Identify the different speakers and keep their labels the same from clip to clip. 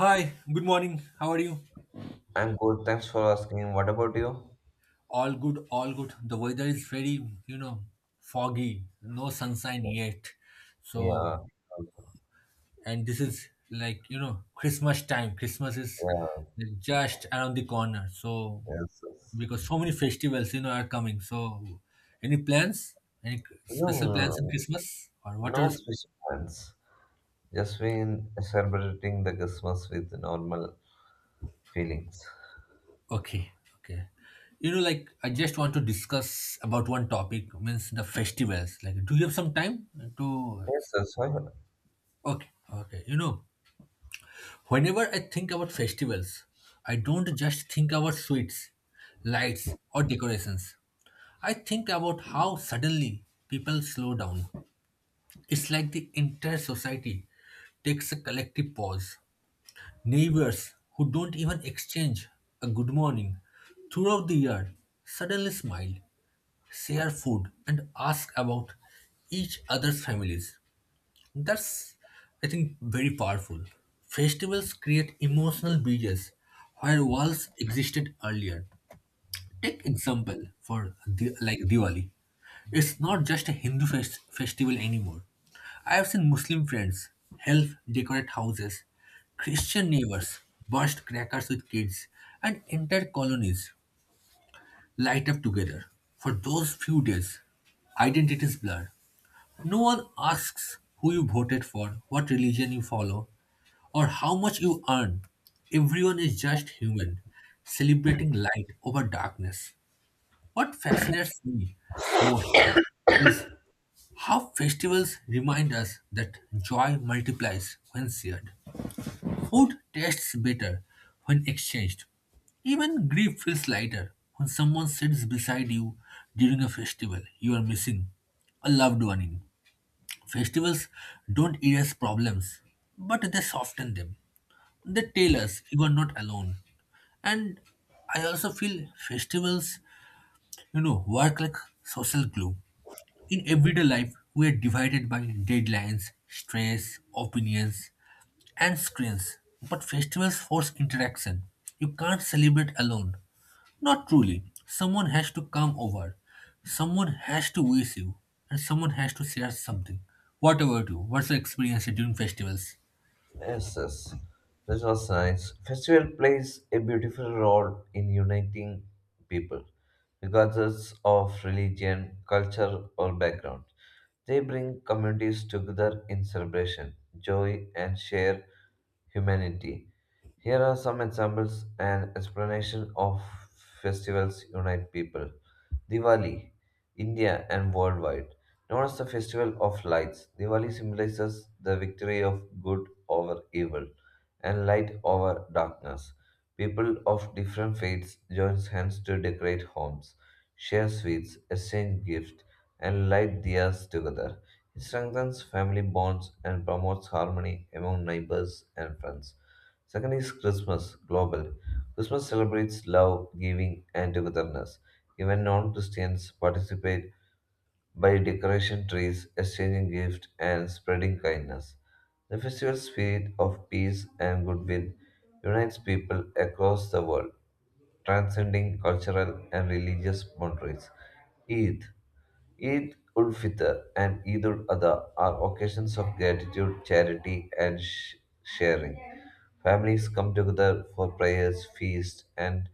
Speaker 1: Hi, good morning. How are you?
Speaker 2: I'm good. Thanks for asking. What about you?
Speaker 1: All good, all good. The weather is very, you know, foggy, no sunshine yet. So,
Speaker 2: Yeah.
Speaker 1: and this is like, Christmas time. Christmas is
Speaker 2: Yeah.
Speaker 1: just around the corner. So,
Speaker 2: Yes. Yes.
Speaker 1: because so many festivals, are coming. So, any plans? Any special plans in
Speaker 2: No,
Speaker 1: Christmas? Or what
Speaker 2: no
Speaker 1: are,
Speaker 2: special plans. Just been celebrating the Christmas with normal feelings.
Speaker 1: okay, okay. I just want to discuss about one topic, means the festivals. Like, do you have some time to
Speaker 2: Yes, yes. I-
Speaker 1: okay, okay. whenever I think about festivals, I don't just think about sweets, lights, or decorations. I think about how suddenly people slow down. It's like the entire society takes a collective pause. Neighbors who don't even exchange a good morning throughout the year suddenly smile, share food, and ask about each other's families. That's, I think, very powerful. Festivals create emotional bridges where walls existed earlier. Take example for like Diwali. It's not just a Hindu festival anymore. I have seen Muslim friends help decorate houses, Christian neighbors burst crackers with kids, and entire colonies light up together. For those few days, identities blur. No one asks who you voted for, what religion you follow, or how much you earn. Everyone is just human, celebrating light over darkness. What fascinates me most is how festivals remind us that joy multiplies when shared. Food tastes better when exchanged. Even grief feels lighter when someone sits beside you during a festival you are missing a loved one in. Festivals don't erase problems, but they soften them. They tell us you are not alone. And I also feel festivals, work like social glue. In everyday life, we are divided by deadlines, stress, opinions, and screens. But festivals force interaction. You can't celebrate alone. Not truly. Someone has to come over, someone has to wish you, and someone has to share something. Whatever about What's the experience during festivals?
Speaker 2: Yes, yes. This was nice. Festival plays a beautiful role in uniting people, regardless of religion, culture, or background. They bring communities together in celebration, joy, and shared humanity. Here are some examples and explanation of festivals unite people. Diwali, India and worldwide. Known as the festival of lights, Diwali symbolizes the victory of good over evil and light over darkness. People of different faiths join hands to decorate homes, share sweets, exchange gifts, and light diyas together. It strengthens family bonds and promotes harmony among neighbors and friends. Second is Christmas, global. Christmas celebrates love, giving, and togetherness. Even non Christians participate by decoration trees, exchanging gifts, and spreading kindness. The festival spirit of peace and goodwill unites people across the world transcending cultural and religious boundaries. Eid, Eid ul Fitr, and Eid ul Adha are occasions of gratitude, charity, and sharing. Families come together for prayers, feasts, and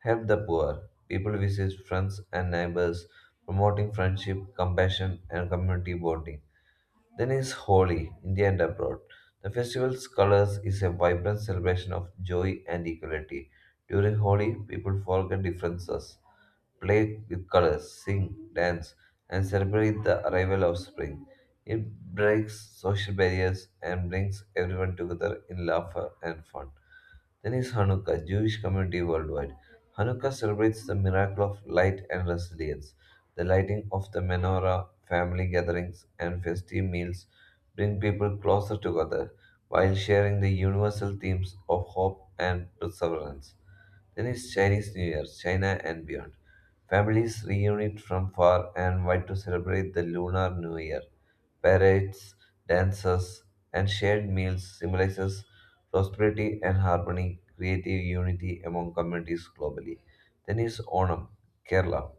Speaker 2: help the poor. People visit friends and neighbors, promoting friendship, compassion, and community bonding. Then is Holi, India and abroad. The festival's colors is a vibrant celebration of joy and equality. During Holi, people forget differences, play with colors, sing, dance, and celebrate the arrival of spring. It breaks social barriers and brings everyone together in laughter and fun. Then is Hanukkah, Jewish community worldwide. Hanukkah celebrates the miracle of light and resilience. The lighting of the menorah, family gatherings, and festive meals bring people closer together while sharing the universal themes of hope and perseverance. Then is Chinese New Year, China and beyond. Families reunite from far and wide to celebrate the Lunar New Year. Parades, dances, and shared meals symbolizes prosperity and harmony, creative unity among communities globally. Then is Onam, Kerala.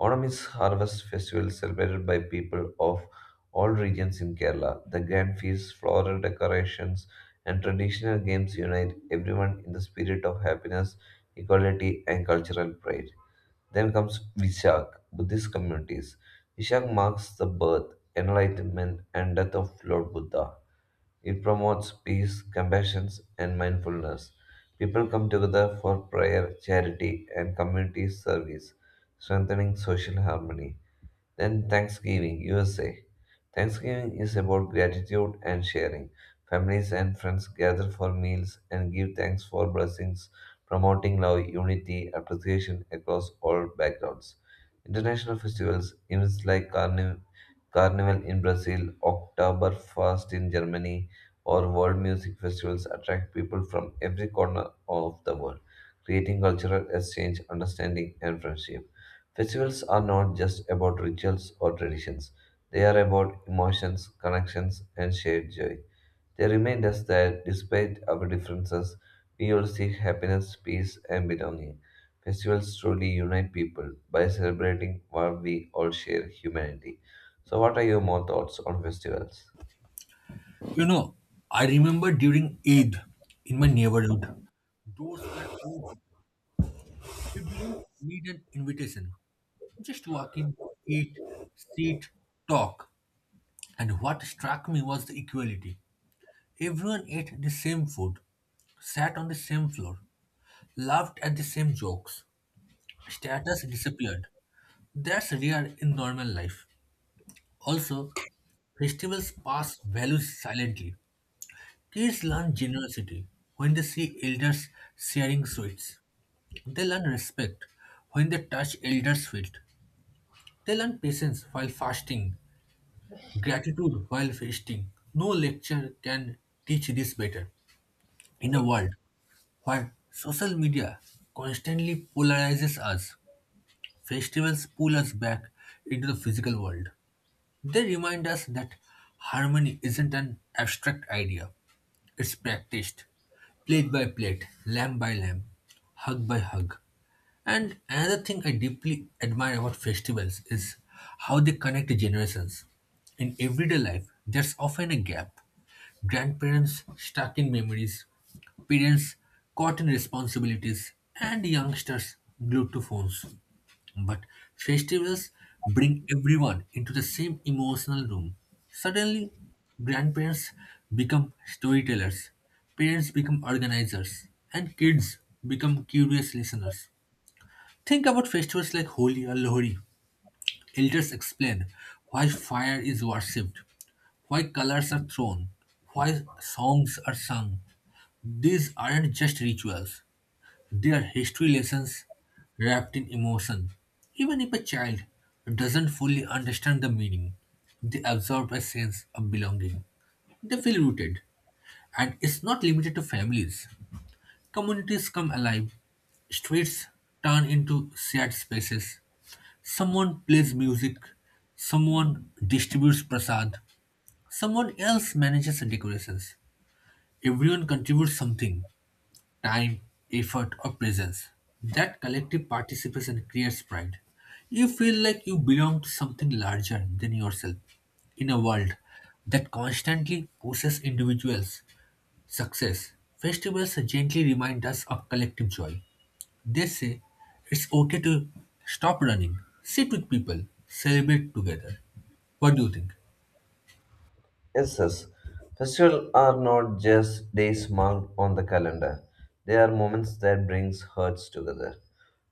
Speaker 2: Onam is harvest festival celebrated by people of all regions in Kerala. The grand feasts, floral decorations, and traditional games unite everyone in the spirit of happiness, equality, and cultural pride. Then comes Vishak, Buddhist communities. Vishak marks the birth, enlightenment, and death of Lord Buddha. It promotes peace, compassion, and mindfulness. People come together for prayer, charity, and community service, strengthening social harmony. Then Thanksgiving, USA. Thanksgiving is about gratitude and sharing. Families and friends gather for meals and give thanks for blessings, promoting love, unity, appreciation across all backgrounds. International festivals, events like Carnival in Brazil, Oktoberfest in Germany, or world music festivals attract people from every corner of the world, creating cultural exchange, understanding, and friendship. Festivals are not just about rituals or traditions, they are about emotions, connections, and shared joy. They remind us that despite our differences, we all seek happiness, peace, and belonging. Festivals truly unite people by celebrating what we all share humanity. So, what are your more thoughts on festivals?
Speaker 1: You know, I remember during Eid in my neighborhood, doors were open. You didn't need an invitation. Just walk in, eat, sit, talk. And what struck me was the equality. Everyone ate the same food, sat on the same floor, laughed at the same jokes. Status disappeared. That's rare in normal life. Also, festivals pass values silently. Kids learn generosity when they see elders sharing sweets. They learn respect when they touch elders' feet. They learn patience while fasting, gratitude while feasting. No lecture can teach this better. In a world where social media constantly polarizes us, festivals pull us back into the physical world. They remind us that harmony isn't an abstract idea, it's practiced plate by plate, lamb by lamb, hug by hug. And another thing I deeply admire about festivals is how they connect generations. In everyday life, there's often a gap. Grandparents stuck in memories, parents caught in responsibilities, and youngsters glued to phones. But festivals bring everyone into the same emotional room. Suddenly, grandparents become storytellers, parents become organizers, and kids become curious listeners. Think about festivals like Holi or Lohri. Elders explain why fire is worshipped, why colors are thrown, why songs are sung. These aren't just rituals, they are history lessons wrapped in emotion. Even if a child doesn't fully understand the meaning, they absorb a sense of belonging. They feel rooted, and it's not limited to families. Communities come alive, streets turn into shared spaces. Someone plays music, someone distributes prasad, someone else manages the decorations. Everyone contributes something, time, effort, or presence. That collective participation creates pride. You feel like you belong to something larger than yourself in a world that constantly pushes individuals success. Festivals gently remind us of collective joy. They say it's okay to stop running, sit with people, celebrate together. What do you think?
Speaker 2: Yes, yes. Festivals are not just days marked on the calendar. They are moments that brings hearts together.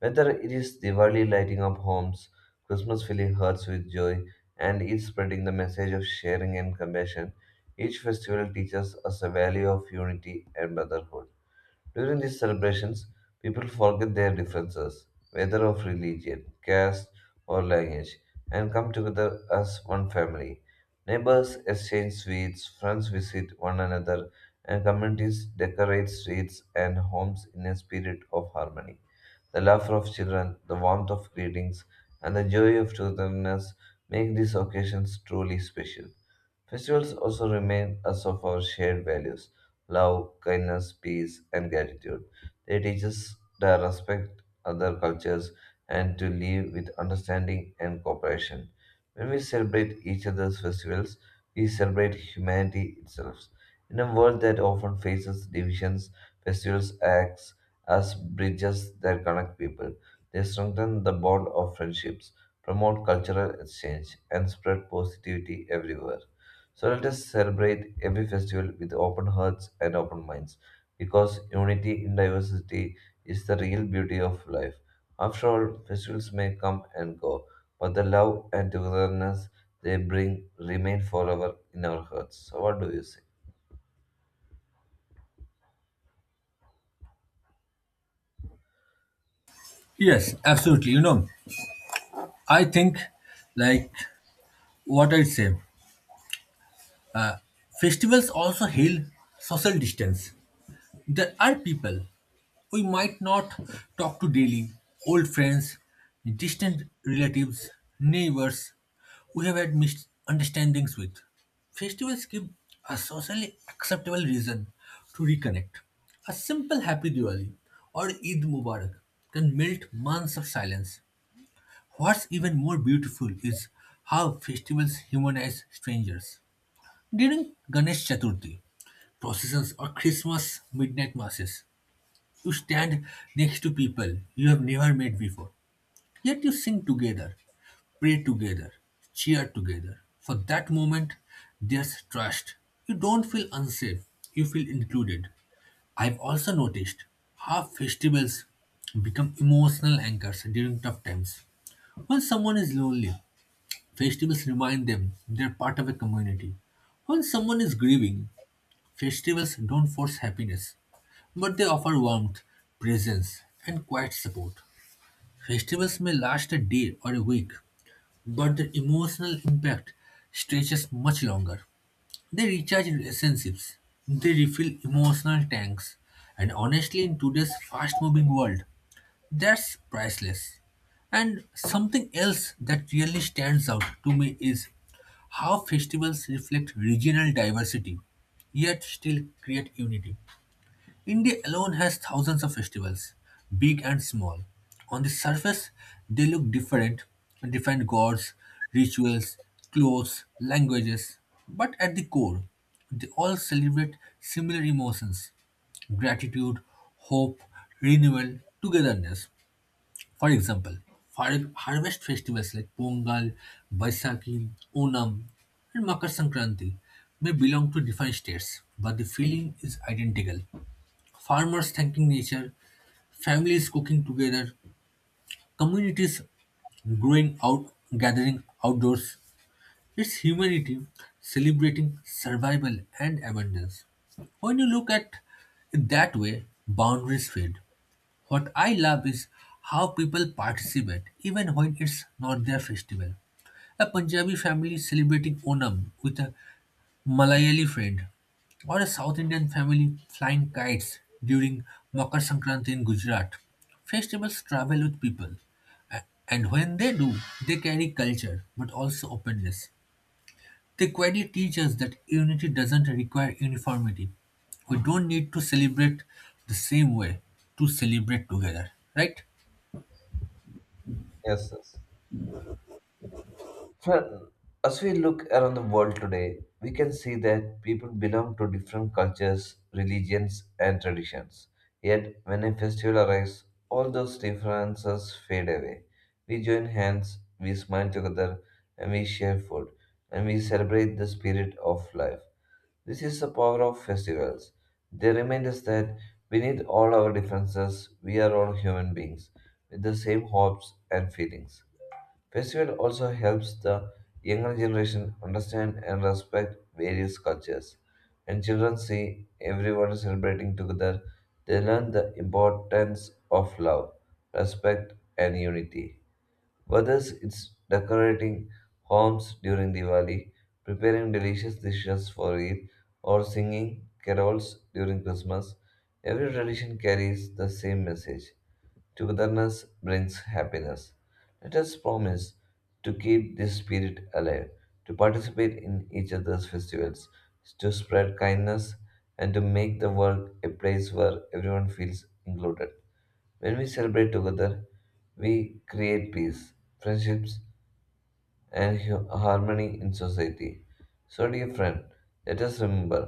Speaker 2: Whether it is Diwali lighting up homes, Christmas filling hearts with joy, and Eid spreading the message of sharing and compassion, each festival teaches us the value of unity and brotherhood. During these celebrations, people forget their differences, whether of religion, caste, or language, and come together as one family. Neighbors exchange sweets, friends visit one another, and communities decorate streets and homes in a spirit of harmony. The laughter of children, the warmth of greetings, and the joy of togetherness make these occasions truly special. Festivals also remind us of our shared values: love, kindness, peace, and gratitude. They teach us to respect other cultures and to live with understanding and cooperation. When we celebrate each other's festivals, we celebrate humanity itself. In a world that often faces divisions, festivals act as bridges that connect people. They strengthen the bond of friendships, promote cultural exchange, and spread positivity everywhere. So let us celebrate every festival with open hearts and open minds, because unity in diversity is the real beauty of life. After all, festivals may come and go, but the love and togetherness they bring remain forever in our hearts. So what do you say?
Speaker 1: Yes, absolutely. You know, I think like what I'd say. Uh, festivals also heal social distance. There are people we might not talk to daily, old friends, distant relatives, neighbors we have had misunderstandings with. Festivals give a socially acceptable reason to reconnect. A simple Happy Diwali or Eid Mubarak can melt months of silence. What's even more beautiful is how festivals humanize strangers. During Ganesh Chaturthi, processions or Christmas midnight masses, you stand next to people you have never met before. Yet you sing together, pray together, cheer together. For that moment, there's trust. You don't feel unsafe, you feel included. I've also noticed how festivals become emotional anchors during tough times. When someone is lonely, festivals remind them they're part of a community. When someone is grieving, festivals don't force happiness, but they offer warmth, presence, and quiet support. Festivals may last a day or a week, but their emotional impact stretches much longer. They recharge relationships, they refill emotional tanks, and honestly, in today's fast moving world, that's priceless. And something else that really stands out to me is how festivals reflect regional diversity, yet still create unity. India alone has thousands of festivals, big and small. On the surface, they look different, different gods, rituals, clothes, languages, but at the core, they all celebrate similar emotions, gratitude, hope, renewal, togetherness. For example, harvest festivals like Pongal, Baisakhi, Onam, and Makar Sankranti may belong to different states, but the feeling is identical. Farmers thanking nature, families cooking together, communities growing out, gathering outdoors. It's humanity celebrating survival and abundance. When you look at it that way, boundaries fade. What I love is how people participate even when it's not their festival. A Punjabi family celebrating Onam with a Malayali friend, or a South Indian family flying kites during Makar Sankranti in Gujarat. Festivals travel with people, a- and when they do, they carry culture but also openness. The query teaches that unity doesn't require uniformity. We don't need to celebrate the same way to celebrate together, right?
Speaker 2: Yes, yes. Well, as we look around the world today, we can see that people belong to different cultures, religions, and traditions. Yet, when a festival arrives, all those differences fade away. We join hands, we smile together, and we share food, and we celebrate the spirit of life. This is the power of festivals. They remind us that beneath all our differences, we are all human beings with the same hopes and feelings. Festival also helps the younger generation understand and respect various cultures. When children see everyone celebrating together, they learn the importance of love, respect, and unity. Whether it's decorating homes during Diwali, preparing delicious dishes for Eid, or singing carols during Christmas, every tradition carries the same message: togetherness brings happiness. Let us promise to keep this spirit alive, to participate in each other's festivals, to spread kindness, and to make the world a place where everyone feels included. When we celebrate together, we create peace, friendships, and harmony in society. So, dear friend, let us remember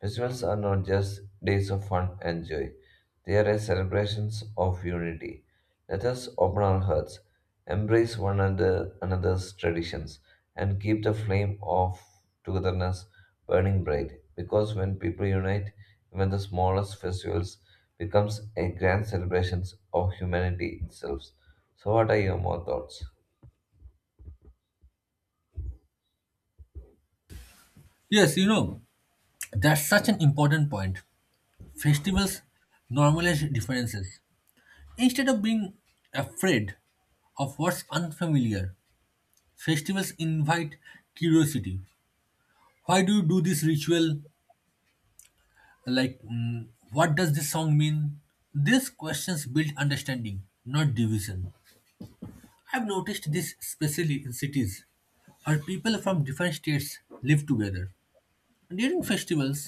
Speaker 2: festivals are not just days of fun and joy, they are as celebrations of unity. Let us open our hearts, embrace one another, another's traditions, and keep the flame of togetherness burning bright. Because when people unite, even the smallest festivals becomes a grand celebration of humanity itself. So, what are your more thoughts?
Speaker 1: Yes, you know, that's such an important point. Festivals normalize differences. Instead of being afraid of what's unfamiliar, festivals invite curiosity. Why do you do this ritual? Like, what does this song mean? These questions build understanding, not division. I've noticed this especially in cities where people from different states live together. During festivals,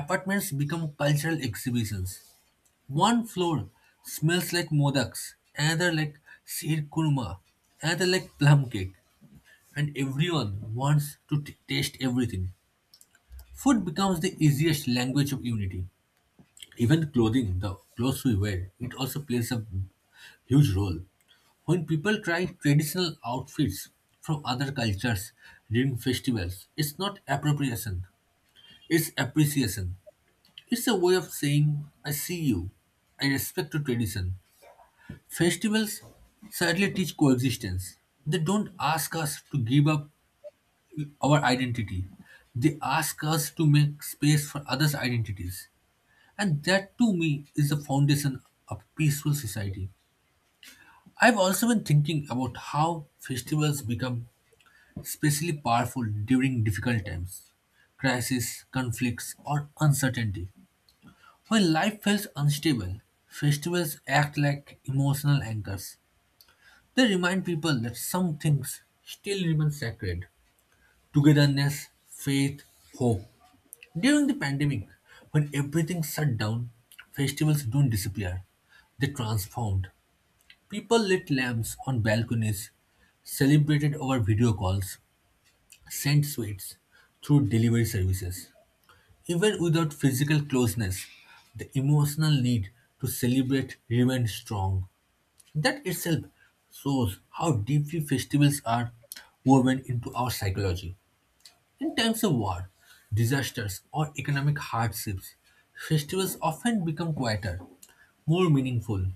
Speaker 1: apartments become cultural exhibitions. One floor smells like modaks, another like sheer kurma, another like plum cake, and everyone wants to taste everything. Food becomes the easiest language of unity. Even clothing, the clothes we wear, it also plays a huge role. When people try traditional outfits from other cultures during festivals, it's not appropriation, it's appreciation. It's a way of saying, I see you, I respect your tradition. Festivals sadly teach coexistence. They don't ask us to give up our identity, they ask us to make space for others' identities. And that to me is the foundation of peaceful society. I've also been thinking about how festivals become especially powerful during difficult times, crises, conflicts, or uncertainty. When life feels unstable, festivals act like emotional anchors. They remind people that some things still remain sacred, togetherness, faith, hope. During the pandemic, when everything shut down, festivals don't disappear. They transformed. People lit lamps on balconies, celebrated over video calls, sent sweets through delivery services. Even without physical closeness, the emotional need to celebrate remained strong. That itself shows how deeply festivals are woven into our psychology. In times of war, disasters, or economic hardships, festivals often become quieter, more meaningful,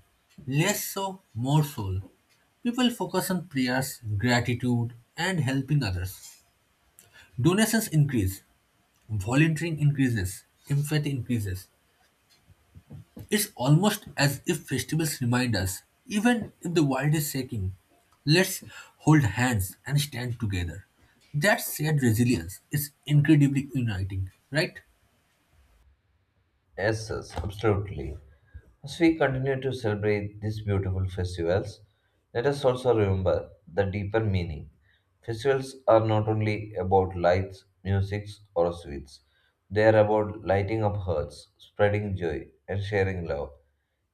Speaker 1: less so, more soul. People focus on prayers, gratitude, and helping others. Donations increase, volunteering increases, empathy increases. It's almost as if festivals remind us, even if the world is shaking, let's hold hands and stand together. That shared resilience is incredibly uniting, right?
Speaker 2: Yes, yes, absolutely. As we continue to celebrate these beautiful festivals, let us also remember the deeper meaning. Festivals are not only about lights, music, or sweets, they are about lighting up hearts, spreading joy, and sharing love.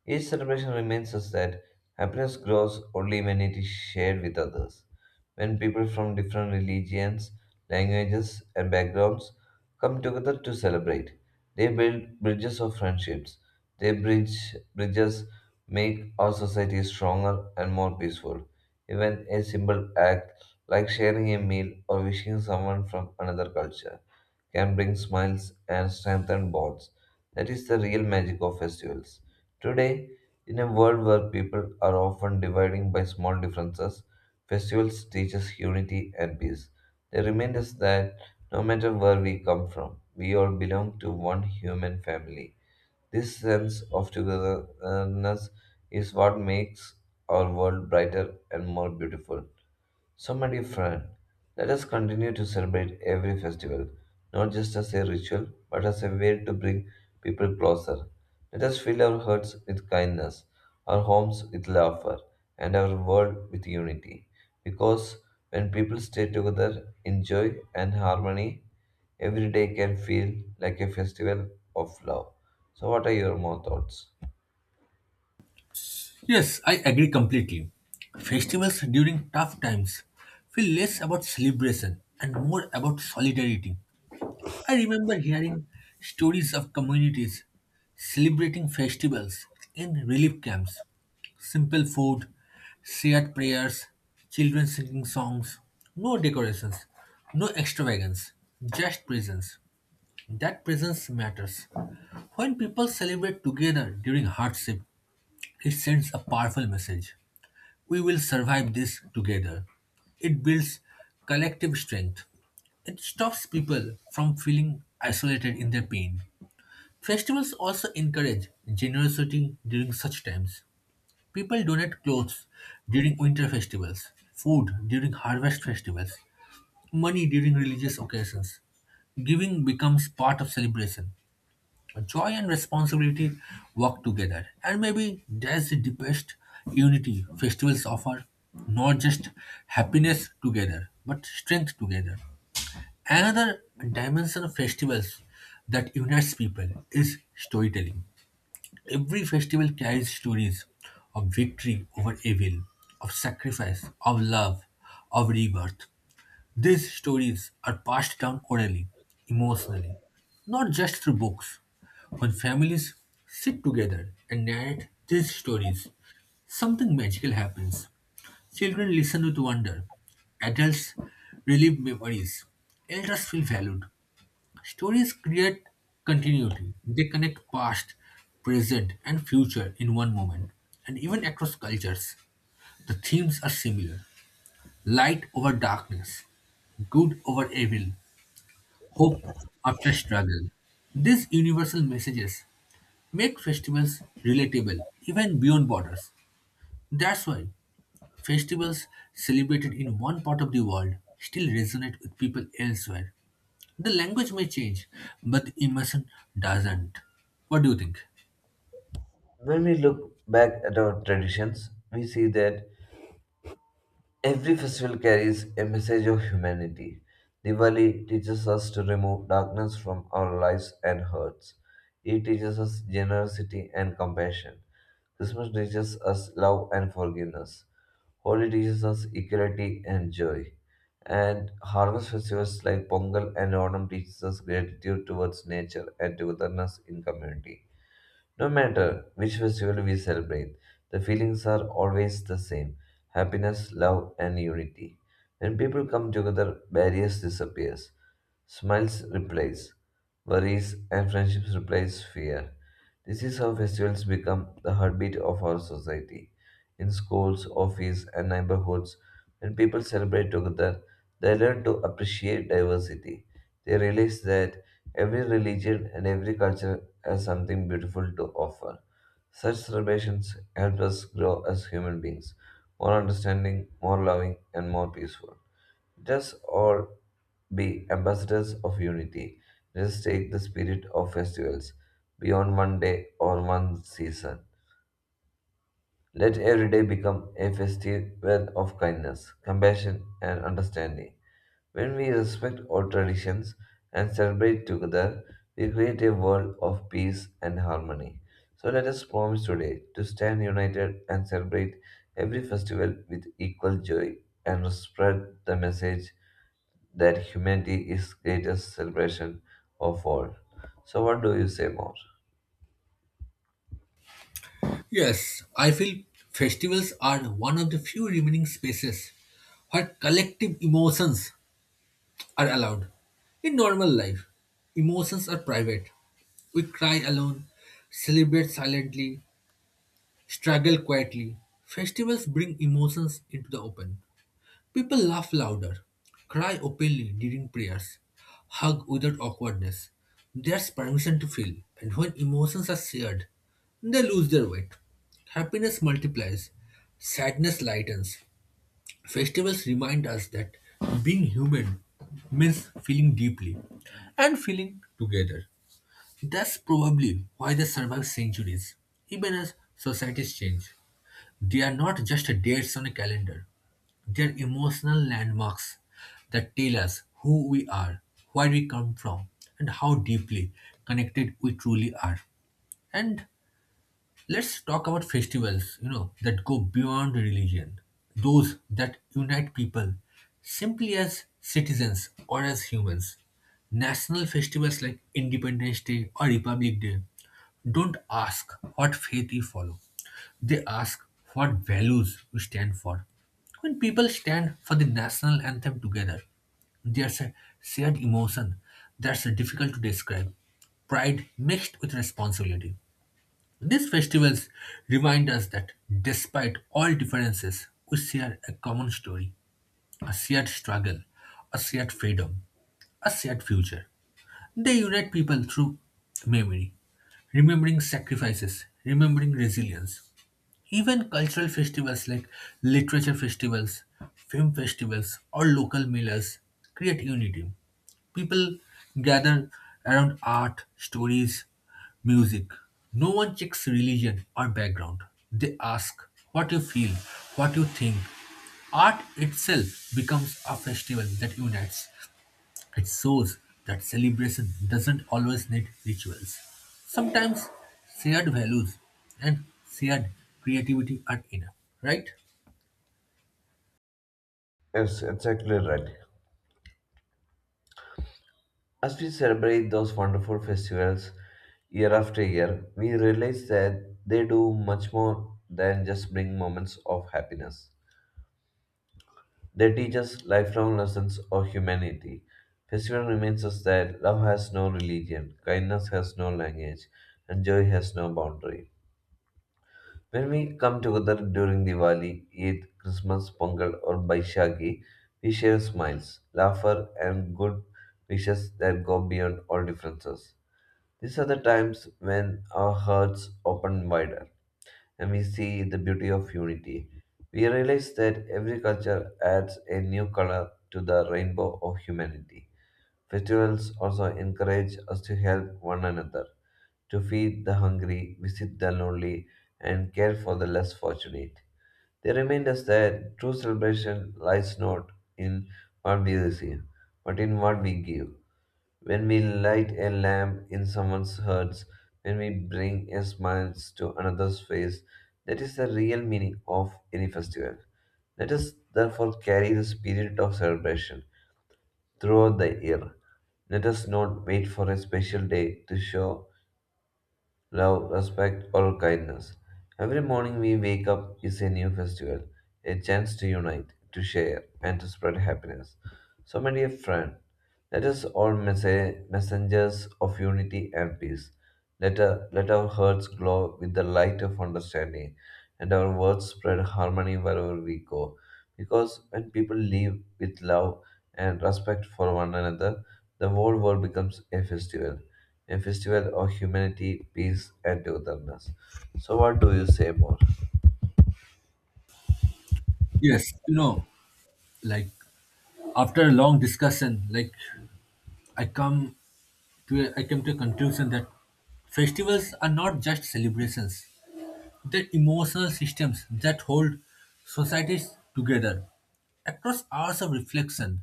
Speaker 2: Each celebration reminds us that happiness grows only when it is shared with others. When people from different religions, languages, and backgrounds come together to celebrate, they build bridges of friendships. They bridge Bridges make our society stronger and more peaceful. Even a simple act like sharing a meal or wishing someone from another culture can bring smiles and strengthen bonds. That is the real magic of festivals. Today, in a world where people are often dividing by small differences, festivals teach us unity and peace. They remind us that no matter where we come from, we all belong to one human family. This sense of togetherness is what makes our world brighter and more beautiful. So, my dear friend, let us continue to celebrate every festival, not just as a ritual, but as a way to bring people closer. Let us fill our hearts with kindness, our homes with laughter, and our world with unity. Because when people stay together in joy and harmony, every day can feel like a festival of love. So, what are your more thoughts?
Speaker 1: Yes, I agree completely. Festivals during tough times feel less about celebration and more about solidarity. I remember hearing stories of communities celebrating festivals in relief camps. Simple food, shared prayers, children singing songs, no decorations, no extravagance, just presence. That presence matters. When people celebrate together during hardship, it sends a powerful message. We will survive this together. It builds collective strength. It stops people from feeling isolated in their pain. Festivals also encourage generosity during such times. People donate clothes during winter festivals, food during harvest festivals, money during religious occasions. Giving becomes part of celebration. Joy and responsibility work together, and maybe that's the deepest unity festivals offer. Not just happiness together, but strength together. Another dimension of festivals that unites people is storytelling. Every festival carries stories of victory over evil, of sacrifice, of love, of rebirth. These stories are passed down orally, emotionally, not just through books. When families sit together and narrate these stories, something magical happens. Children listen with wonder, adults relive memories, elders feel valued. Stories create continuity, they connect past, present, and future in one moment, and even across cultures. The themes are similar, light over darkness, good over evil, hope after struggle. These universal messages make festivals relatable even beyond borders. That's why festivals celebrated in one part of the world still resonate with people elsewhere. The language may change, but the emotion doesn't. What do you think?
Speaker 2: When we look back at our traditions, we see that every festival carries a message of humanity. Diwali teaches us to remove darkness from our lives and hearts. It teaches us generosity and compassion. Christmas teaches us love and forgiveness. Holi teaches us equality and joy. And harvest festivals like Pongal and Onam teaches us gratitude towards nature and togetherness in community. No matter which festival we celebrate, the feelings are always the same: happiness, love, and unity. When people come together, barriers disappear, smiles replace worries, and friendships replace fear. This is how festivals become the heartbeat of our society. In schools, office, and neighborhoods, when people celebrate together, they learn to appreciate diversity. They realize that every religion and every culture has something beautiful to offer. Such celebrations help us grow as human beings, more understanding, more loving, and more peaceful. Let us all be ambassadors of unity. Let us take the spirit of festivals beyond one day or one season. Let every day become a festival of kindness, compassion, and understanding. When we respect our traditions and celebrate together, we create a world of peace and harmony. So let us promise today to stand united and celebrate every festival with equal joy and spread the message that humanity is greatest celebration of all. So what do you say more?
Speaker 1: Yes, I feel festivals are one of the few remaining spaces where collective emotions are allowed. In normal life, emotions are private. We cry alone, celebrate silently, struggle quietly. Festivals bring emotions into the open. People laugh louder, cry openly during prayers, hug without awkwardness. There's permission to feel, and when emotions are shared, they lose their weight. Happiness multiplies, sadness lightens. Festivals remind us that being human means feeling deeply and feeling together. That's probably why they survive centuries. Even as societies change, they are not just dates on a calendar, they are emotional landmarks that tell us who we are, where we come from, and how deeply connected we truly are. And let's talk about festivals, that go beyond religion, those that unite people simply as citizens or as humans. National festivals like Independence Day or Republic Day don't ask what faith you follow, they ask what values we stand for. When people stand for the national anthem together, there's a shared emotion that's difficult to describe. Pride mixed with responsibility. These festivals remind us that despite all differences, we share a common story, a shared struggle, a shared freedom, a shared future. They unite people through memory, remembering sacrifices, remembering resilience, even cultural festivals like literature festivals, film festivals, or local millers create unity. People gather around art, stories, music. No one checks religion or background. They ask what you feel, what you think. Art itself becomes a festival that unites. It shows that celebration doesn't always need rituals. Sometimes shared values and shared creativity are enough, right?
Speaker 2: Yes, exactly right. As we celebrate those wonderful festivals year after year, we realize that they do much more than just bring moments of happiness. They teach us lifelong lessons of humanity. Festival reminds us that love has no religion, kindness has no language, and joy has no boundary. When we come together during Diwali, Eid, Christmas, Pongal, or Baishagi, we share smiles, laughter, and good wishes that go beyond all differences. These are the times when our hearts open wider and we see the beauty of unity. We realize that every culture adds a new color to the rainbow of humanity. Festivals also encourage us to help one another, to feed the hungry, visit the lonely, and care for the less fortunate. They remind us that true celebration lies not in what we receive, but in what we give. When we light a lamp in someone's heart, when we bring a smile to another's face, that is the real meaning of any festival. Let us therefore carry the spirit of celebration throughout the year. Let us not wait for a special day to show love, respect, or kindness. Every morning we wake up is a new festival, a chance to unite, to share, and to spread happiness. So, my dear friend, let us all messengers of unity and peace. Let our hearts glow with the light of understanding, and our words spread harmony wherever we go. Because when people live with love and respect for one another, the whole world becomes a festival, a festival of humanity, peace, and togetherness. So, what do you say more?
Speaker 1: Yes, you know, like after a long discussion, like I come to a, I came to a conclusion that festivals are not just celebrations; the emotional systems that hold societies together. Across hours of reflection,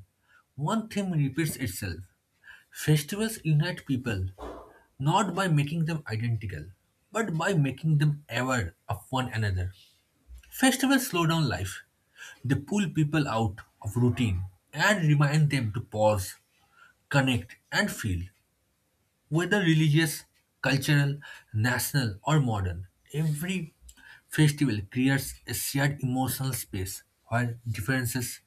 Speaker 1: one theme repeats itself. Festivals unite people, not by making them identical, but by making them aware of one another. Festivals slow down life. They pull people out of routine and remind them to pause, connect, and feel. Whether religious, cultural, national, or modern, every festival creates a shared emotional space where differences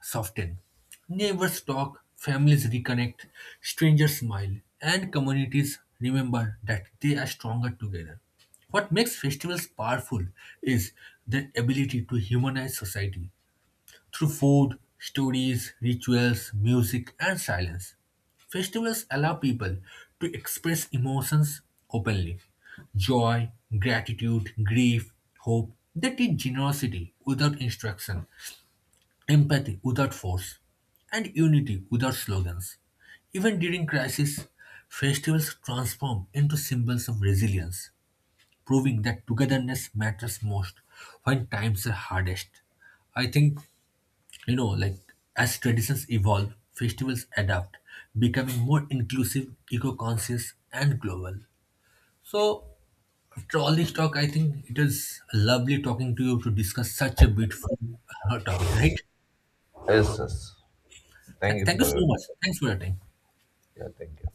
Speaker 1: soften. Neighbors talk, families reconnect, strangers smile, and communities remember that they are stronger together. What makes festivals powerful is their ability to humanize society through food, stories, rituals, music, and silence. Festivals allow people to express emotions openly, joy, gratitude, grief, hope. They teach generosity without instruction, empathy without force, and unity without slogans. Even during crisis, festivals transform into symbols of resilience, proving that togetherness matters most when times are hardest. I think you know, like as traditions evolve, festivals adapt, becoming more inclusive, eco-conscious, and global. So, after all this talk, I think it was lovely talking to you to discuss such a beautiful topic, right?
Speaker 2: Yes, yes. Thank you
Speaker 1: Thank you
Speaker 2: for
Speaker 1: so
Speaker 2: your time.
Speaker 1: much. Thanks for your time.
Speaker 2: Yeah, thank you.